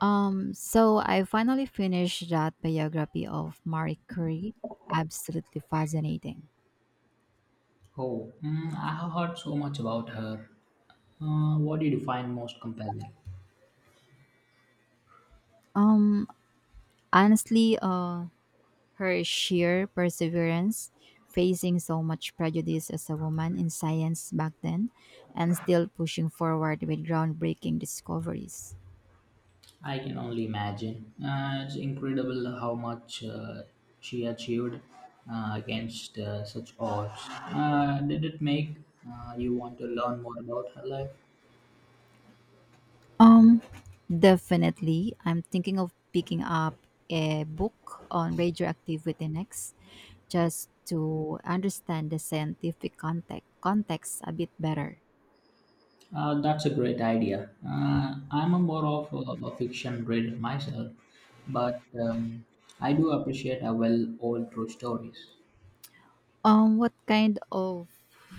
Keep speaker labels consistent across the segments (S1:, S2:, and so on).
S1: So I finally finished that biography of Marie Curie. Absolutely fascinating.
S2: Oh, I have heard so much about her. What did you find most compelling?
S1: Um, honestly, her sheer perseverance, facing so much prejudice as a woman in science back then, and still pushing forward with groundbreaking discoveries.
S2: I can only imagine. It's incredible how much she achieved against such odds. Did it make you want to learn more about her life?
S1: Um, definitely. I'm thinking of picking up a book on radioactivity next, just to understand the scientific context a bit better.
S2: That's a great idea. I'm a more of a fiction reader myself, but I do appreciate a well-old true stories.
S1: What kind of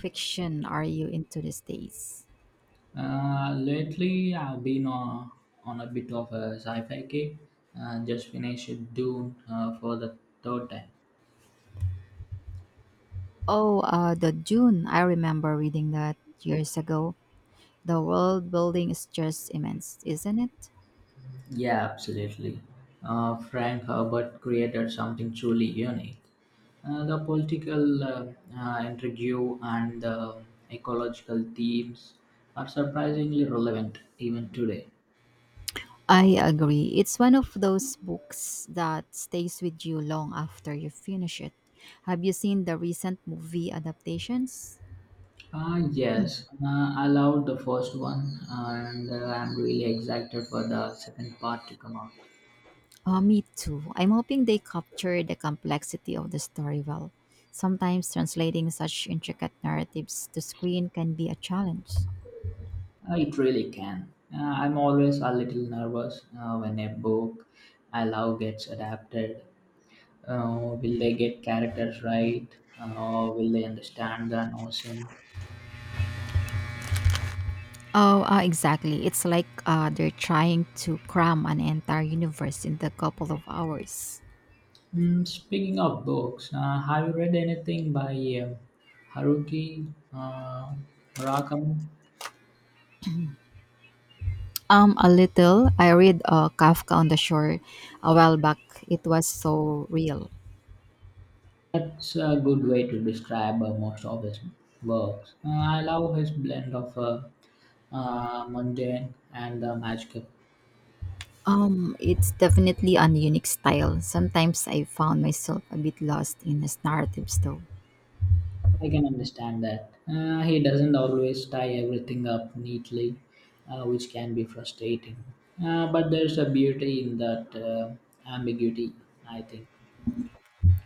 S1: fiction are you into these days?
S2: Lately, I've been on a bit of a sci-fi kick. Just finished Dune for the third time.
S1: Oh, the Dune. I remember reading that years ago. The world building is just immense, isn't it?
S2: Yeah, absolutely. Frank Herbert created something truly unique. The political intrigue and the ecological themes are surprisingly relevant even today.
S1: I agree. It's one of those books that stays with you long after you finish it. Have you seen the recent movie adaptations? Mm.
S2: Yes, I loved the first one, and I'm really excited for the second part to come out.
S1: Me too. I'm hoping they capture the complexity of the story well. Sometimes translating such intricate narratives to screen can be a challenge.
S2: It really can. I'm always a little nervous when a book I love gets adapted. Will they get characters right? Will they understand the notion?
S1: Oh, exactly. It's like they're trying to cram an entire universe in a couple of hours.
S2: Speaking of books, have you read anything by uh, Haruki uh, Murakami?
S1: A little. I read Kafka on the Shore a while back. It was so real.
S2: That's a good way to describe most of his works. I love his blend of mundane and magical.
S1: It's definitely an unique style. Sometimes I found myself a bit lost in his narratives, though.
S2: I can understand that. He doesn't always tie everything up neatly, which can be frustrating. But there's a beauty in that ambiguity, I think.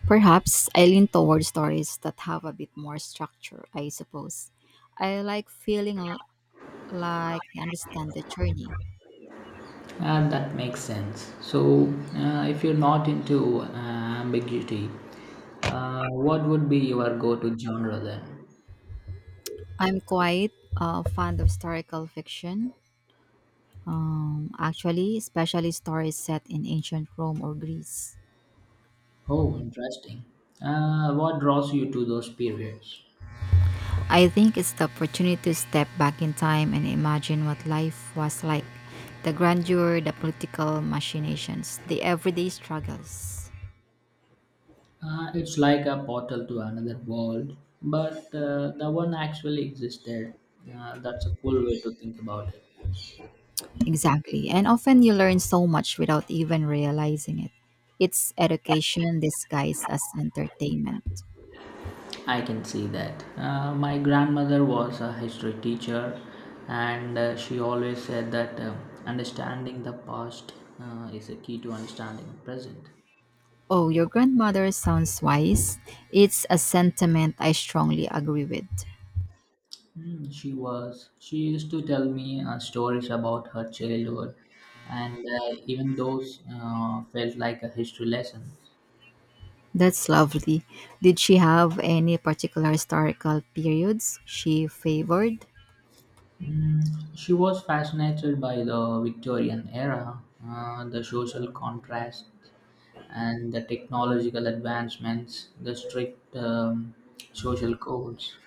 S1: Perhaps I lean toward stories that have a bit more structure, I suppose. I like feeling like I understand the journey.
S2: That makes sense. So, if you're not into ambiguity, what would be your go to genre then?
S1: I'm quite fond of historical fiction, actually, especially stories set in ancient Rome or Greece.
S2: Oh, interesting. What draws you to those periods?
S1: I think it's the opportunity to step back in time and imagine what life was like the grandeur, the political machinations, the everyday struggles.
S2: It's like a portal to another world, but the one actually existed. That's a cool way to think about it.
S1: Exactly. And often you learn so much without even realizing it. It's education disguised as entertainment.
S2: I can see that. My grandmother was a history teacher, and she always said that understanding the past is a key to understanding the present.
S1: Oh, your grandmother sounds wise. It's a sentiment I strongly agree with.
S2: Hmm, she was. She used to tell me stories about her childhood, and even those felt like a history lesson.
S1: That's lovely. Did she have any particular historical periods she favored?
S2: Mm, she was fascinated by the Victorian era, the social contrasts, and the technological advancements, the strict social codes.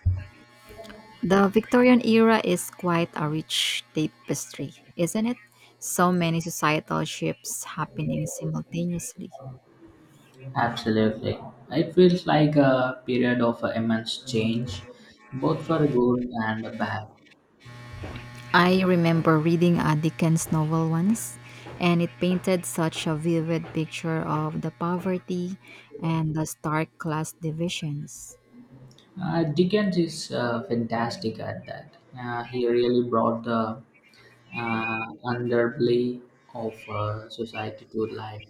S1: The Victorian era is quite a rich tapestry, isn't it? So many societal shifts happening simultaneously.
S2: Absolutely. It feels like a period of immense change, both for good and bad.
S1: I remember reading a Dickens novel once, and it painted such a vivid picture of the poverty and the stark class divisions.
S2: Dickens is fantastic at that. He really brought the underbelly of society to life.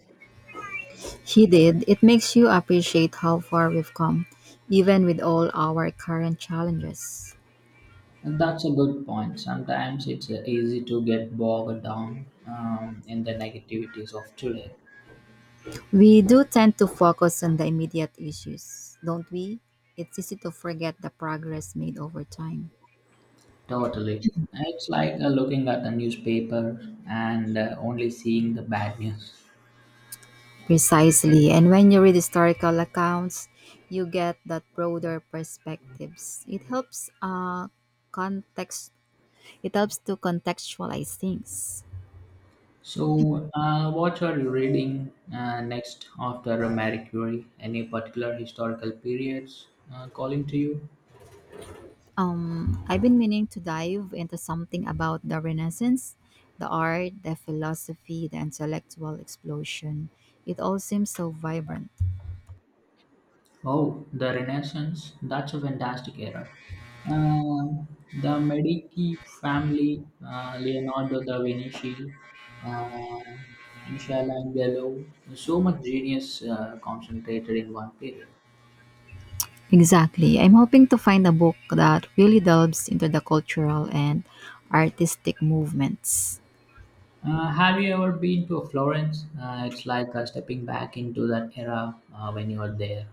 S1: He did. It makes you appreciate how far we've come, even with all our current challenges.
S2: And that's a good point. Sometimes it's easy to get bogged down in the negativities of today.
S1: We do tend to focus on the immediate issues, don't we? It's easy to forget the progress made over time.
S2: Totally. It's like looking at the newspaper and only seeing the bad news.
S1: Precisely. And when you read historical accounts, you get that broader perspectives. It helps context it helps to contextualize things.
S2: So, what are you reading next after Marie Curie? Any particular historical periods calling to you?
S1: Um, I've been meaning to dive into something about the Renaissance, the art, the philosophy, the intellectual explosion. It all seems so vibrant.
S2: Oh, the Renaissance. That's a fantastic era. Um, the Medici family, Leonardo da Vinci, uh, Michelangelo, so much genius concentrated in one period.
S1: Exactly. I'm hoping to find a book that really delves into the cultural and artistic movements.
S2: Have you ever been to Florence? It's like stepping back into that era when you are there.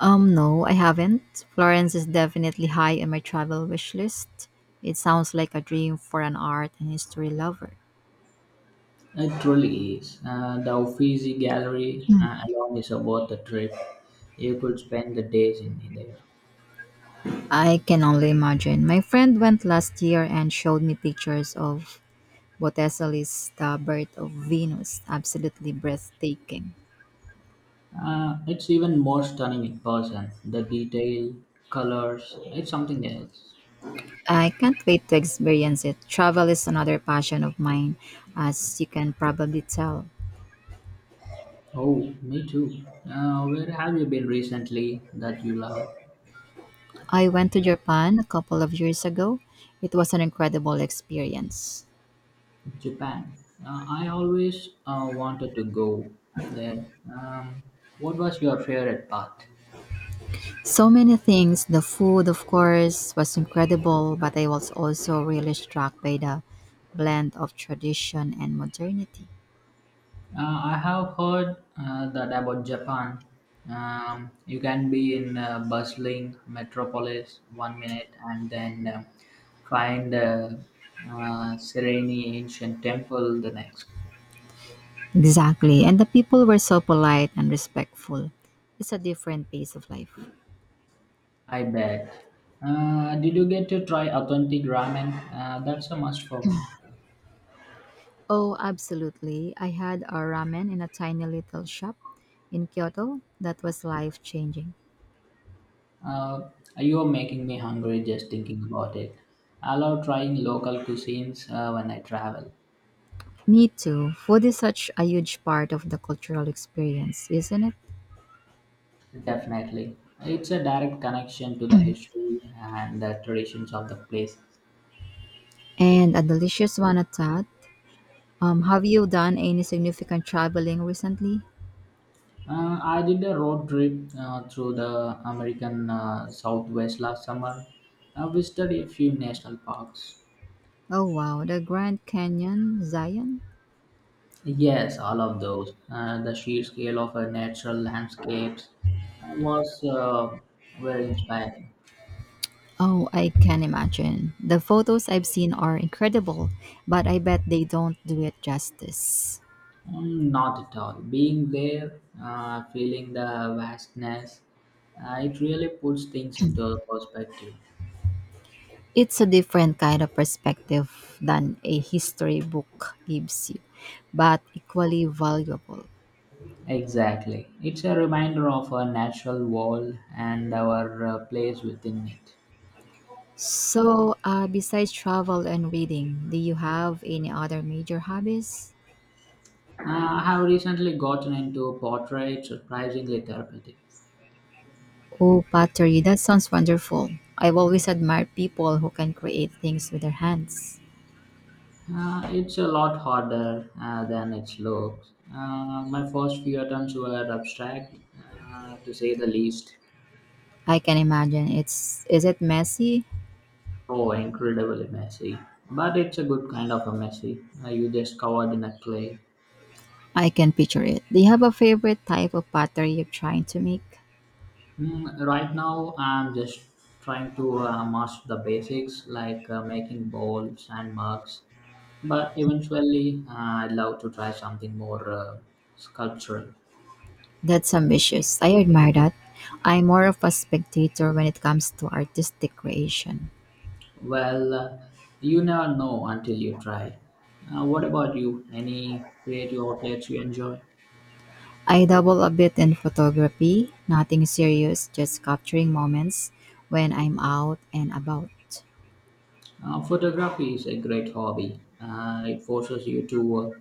S1: No, I haven't. Florence is definitely high on my travel wish list. It sounds like a dream for an art and history lover.
S2: It truly is. The Uffizi Gallery
S1: Mm.
S2: alone is worth the trip. You could spend the days in there.
S1: I can only imagine. My friend went last year and showed me pictures of Botticelli's The Birth of Venus. Absolutely breathtaking.
S2: It's even more stunning in person. The detail, colors, it's something else.
S1: I can't wait to experience it. Travel is another passion of mine, as you can probably tell.
S2: Oh, me too. Where have you been recently that you love?
S1: I went to Japan a couple of years ago. It was an incredible experience.
S2: Japan. I always wanted to go there. Um, what was your favorite part?
S1: So many things. The food, of course, was incredible, but I was also really struck by the blend of tradition and modernity.
S2: I have heard that about Japan. You can be in a bustling metropolis one minute and then find serene ancient temple the next.
S1: Exactly. And the people were so polite and respectful. It's a different pace of life.
S2: I bet. Did you get to try authentic ramen? That's a must for me.
S1: Oh, absolutely. I had a ramen in a tiny little shop in Kyoto that was life changing.
S2: Uh, you are making me hungry just thinking about it. I love trying local cuisines when I travel.
S1: Me too. Food is such a huge part of the cultural experience, isn't it?
S2: Definitely. It's a direct connection to the history and the traditions of the place.
S1: And a delicious one at that. Have you done any significant traveling recently?
S2: I did a road trip through the American Southwest last summer. I visited a few national parks.
S1: Oh, wow. The Grand Canyon, Zion?
S2: Yes, all of those. The sheer scale of a natural landscapes was very inspiring.
S1: Oh, I can imagine. The photos I've seen are incredible, but I bet they don't do it justice.
S2: Mm, not at all. Being there, feeling the vastness, it really puts things into perspective.
S1: It's a different kind of perspective than a history book gives you, but equally valuable.
S2: Exactly. It's a reminder of our natural world and our place within it.
S1: So, besides travel and reading, do you have any other major hobbies?
S2: I have recently gotten into portrait, surprisingly therapeutic.
S1: Oh, pottery, that sounds wonderful. I've always admired people who can create things with their hands.
S2: It's a lot harder than it looks. My first few attempts were abstract, to say the least.
S1: I can imagine it's is it messy?
S2: Oh, incredibly messy. But it's a good kind of a messy. You just covered in a clay.
S1: I can picture it. Do you have a favorite type of pottery you're trying to make?
S2: Mm, right now, I'm just trying to master the basics like making bowls and mugs, but eventually, I'd love to try something more sculptural.
S1: That's ambitious. I admire that. I'm more of a spectator when it comes to artistic creation.
S2: Well, you never know until you try. What about you? Any creative outlets you enjoy?
S1: I dabble a bit in photography, nothing serious, just capturing moments when I'm out and about.
S2: Photography is a great hobby. It forces you to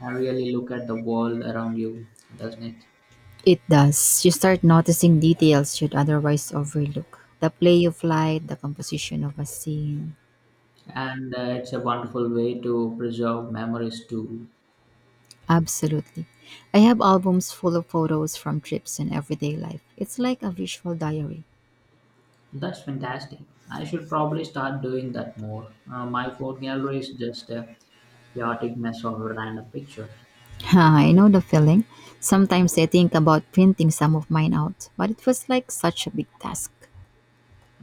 S2: really look at the world around you, doesn't it?
S1: It does. You start noticing details you'd otherwise overlook. The play of light, the composition of a scene.
S2: And it's a wonderful way to preserve memories too.
S1: Absolutely. I have albums full of photos from trips and everyday life. It's like a visual diary.
S2: That's fantastic. I should probably start doing that more. My phone gallery is just a chaotic mess of random pictures.
S1: I know the feeling. Sometimes I think about printing some of mine out, but it was like such a big task.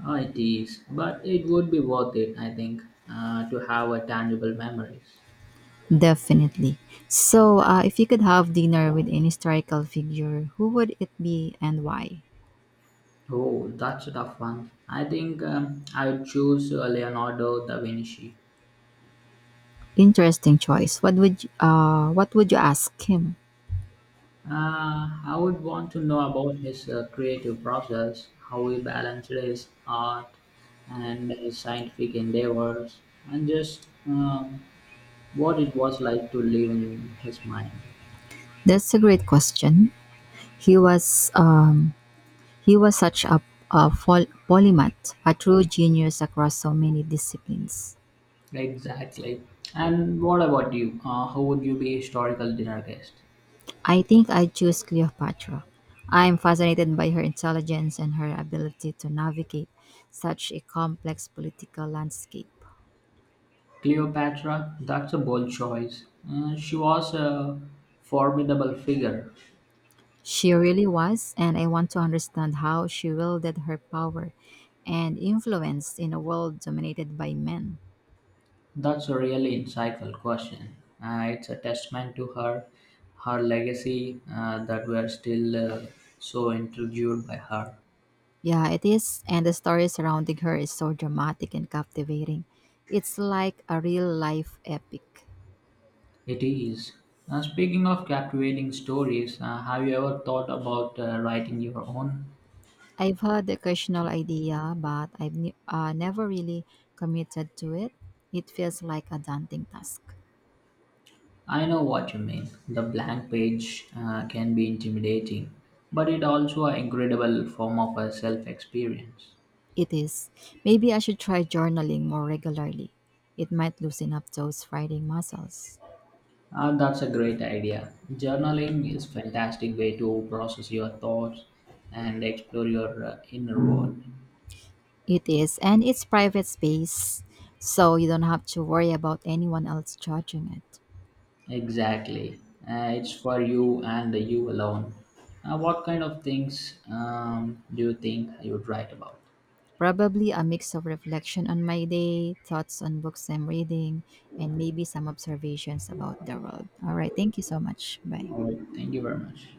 S2: It is, but it would be worth it, I think, to have a tangible memories.
S1: Definitely. So, if you could have dinner with an historical figure, who would it be and why?
S2: Oh, that's a tough one. I think I would choose Leonardo da Vinci.
S1: Interesting choice. What would you ask him?
S2: I would want to know about his creative process, how he balanced his art and his scientific endeavors, and just what it was like to live in his mind.
S1: That's a great question. He was such a polymath, a true genius across so many disciplines.
S2: Exactly. And what about you? How would you be historical dinner guest?
S1: I think I choose Cleopatra. I'm fascinated by her intelligence and her ability to navigate such a complex political landscape.
S2: Cleopatra? That's a bold choice. She was a formidable figure.
S1: She really was, and I want to understand how she wielded her power and influence in a world dominated by men.
S2: That's a really insightful question. It's a testament to her, her legacy that we're still so intrigued by her.
S1: Yeah, it is, and the story surrounding her is so dramatic and captivating. It's like a real life epic.
S2: It is. Speaking of captivating stories, have you ever thought about writing your own?
S1: I've had the occasional idea, but I've never really committed to it. It feels like a daunting task.
S2: I know what you mean. The blank page can be intimidating, but it also an incredible form of a self-experience.
S1: It is. Maybe I should try journaling more regularly. It might loosen up those writing muscles.
S2: That's a great idea. Journaling is fantastic way to process your thoughts and explore your inner world.
S1: It is, and it's private space, so you don't have to worry about anyone else judging it.
S2: Exactly. It's for you and you alone. What kind of things do you think you would write about?
S1: Probably a mix of reflection on my day, thoughts on books I'm reading, and maybe some observations about the world. All right, thank you so much. Bye.
S2: All right. Thank you very much.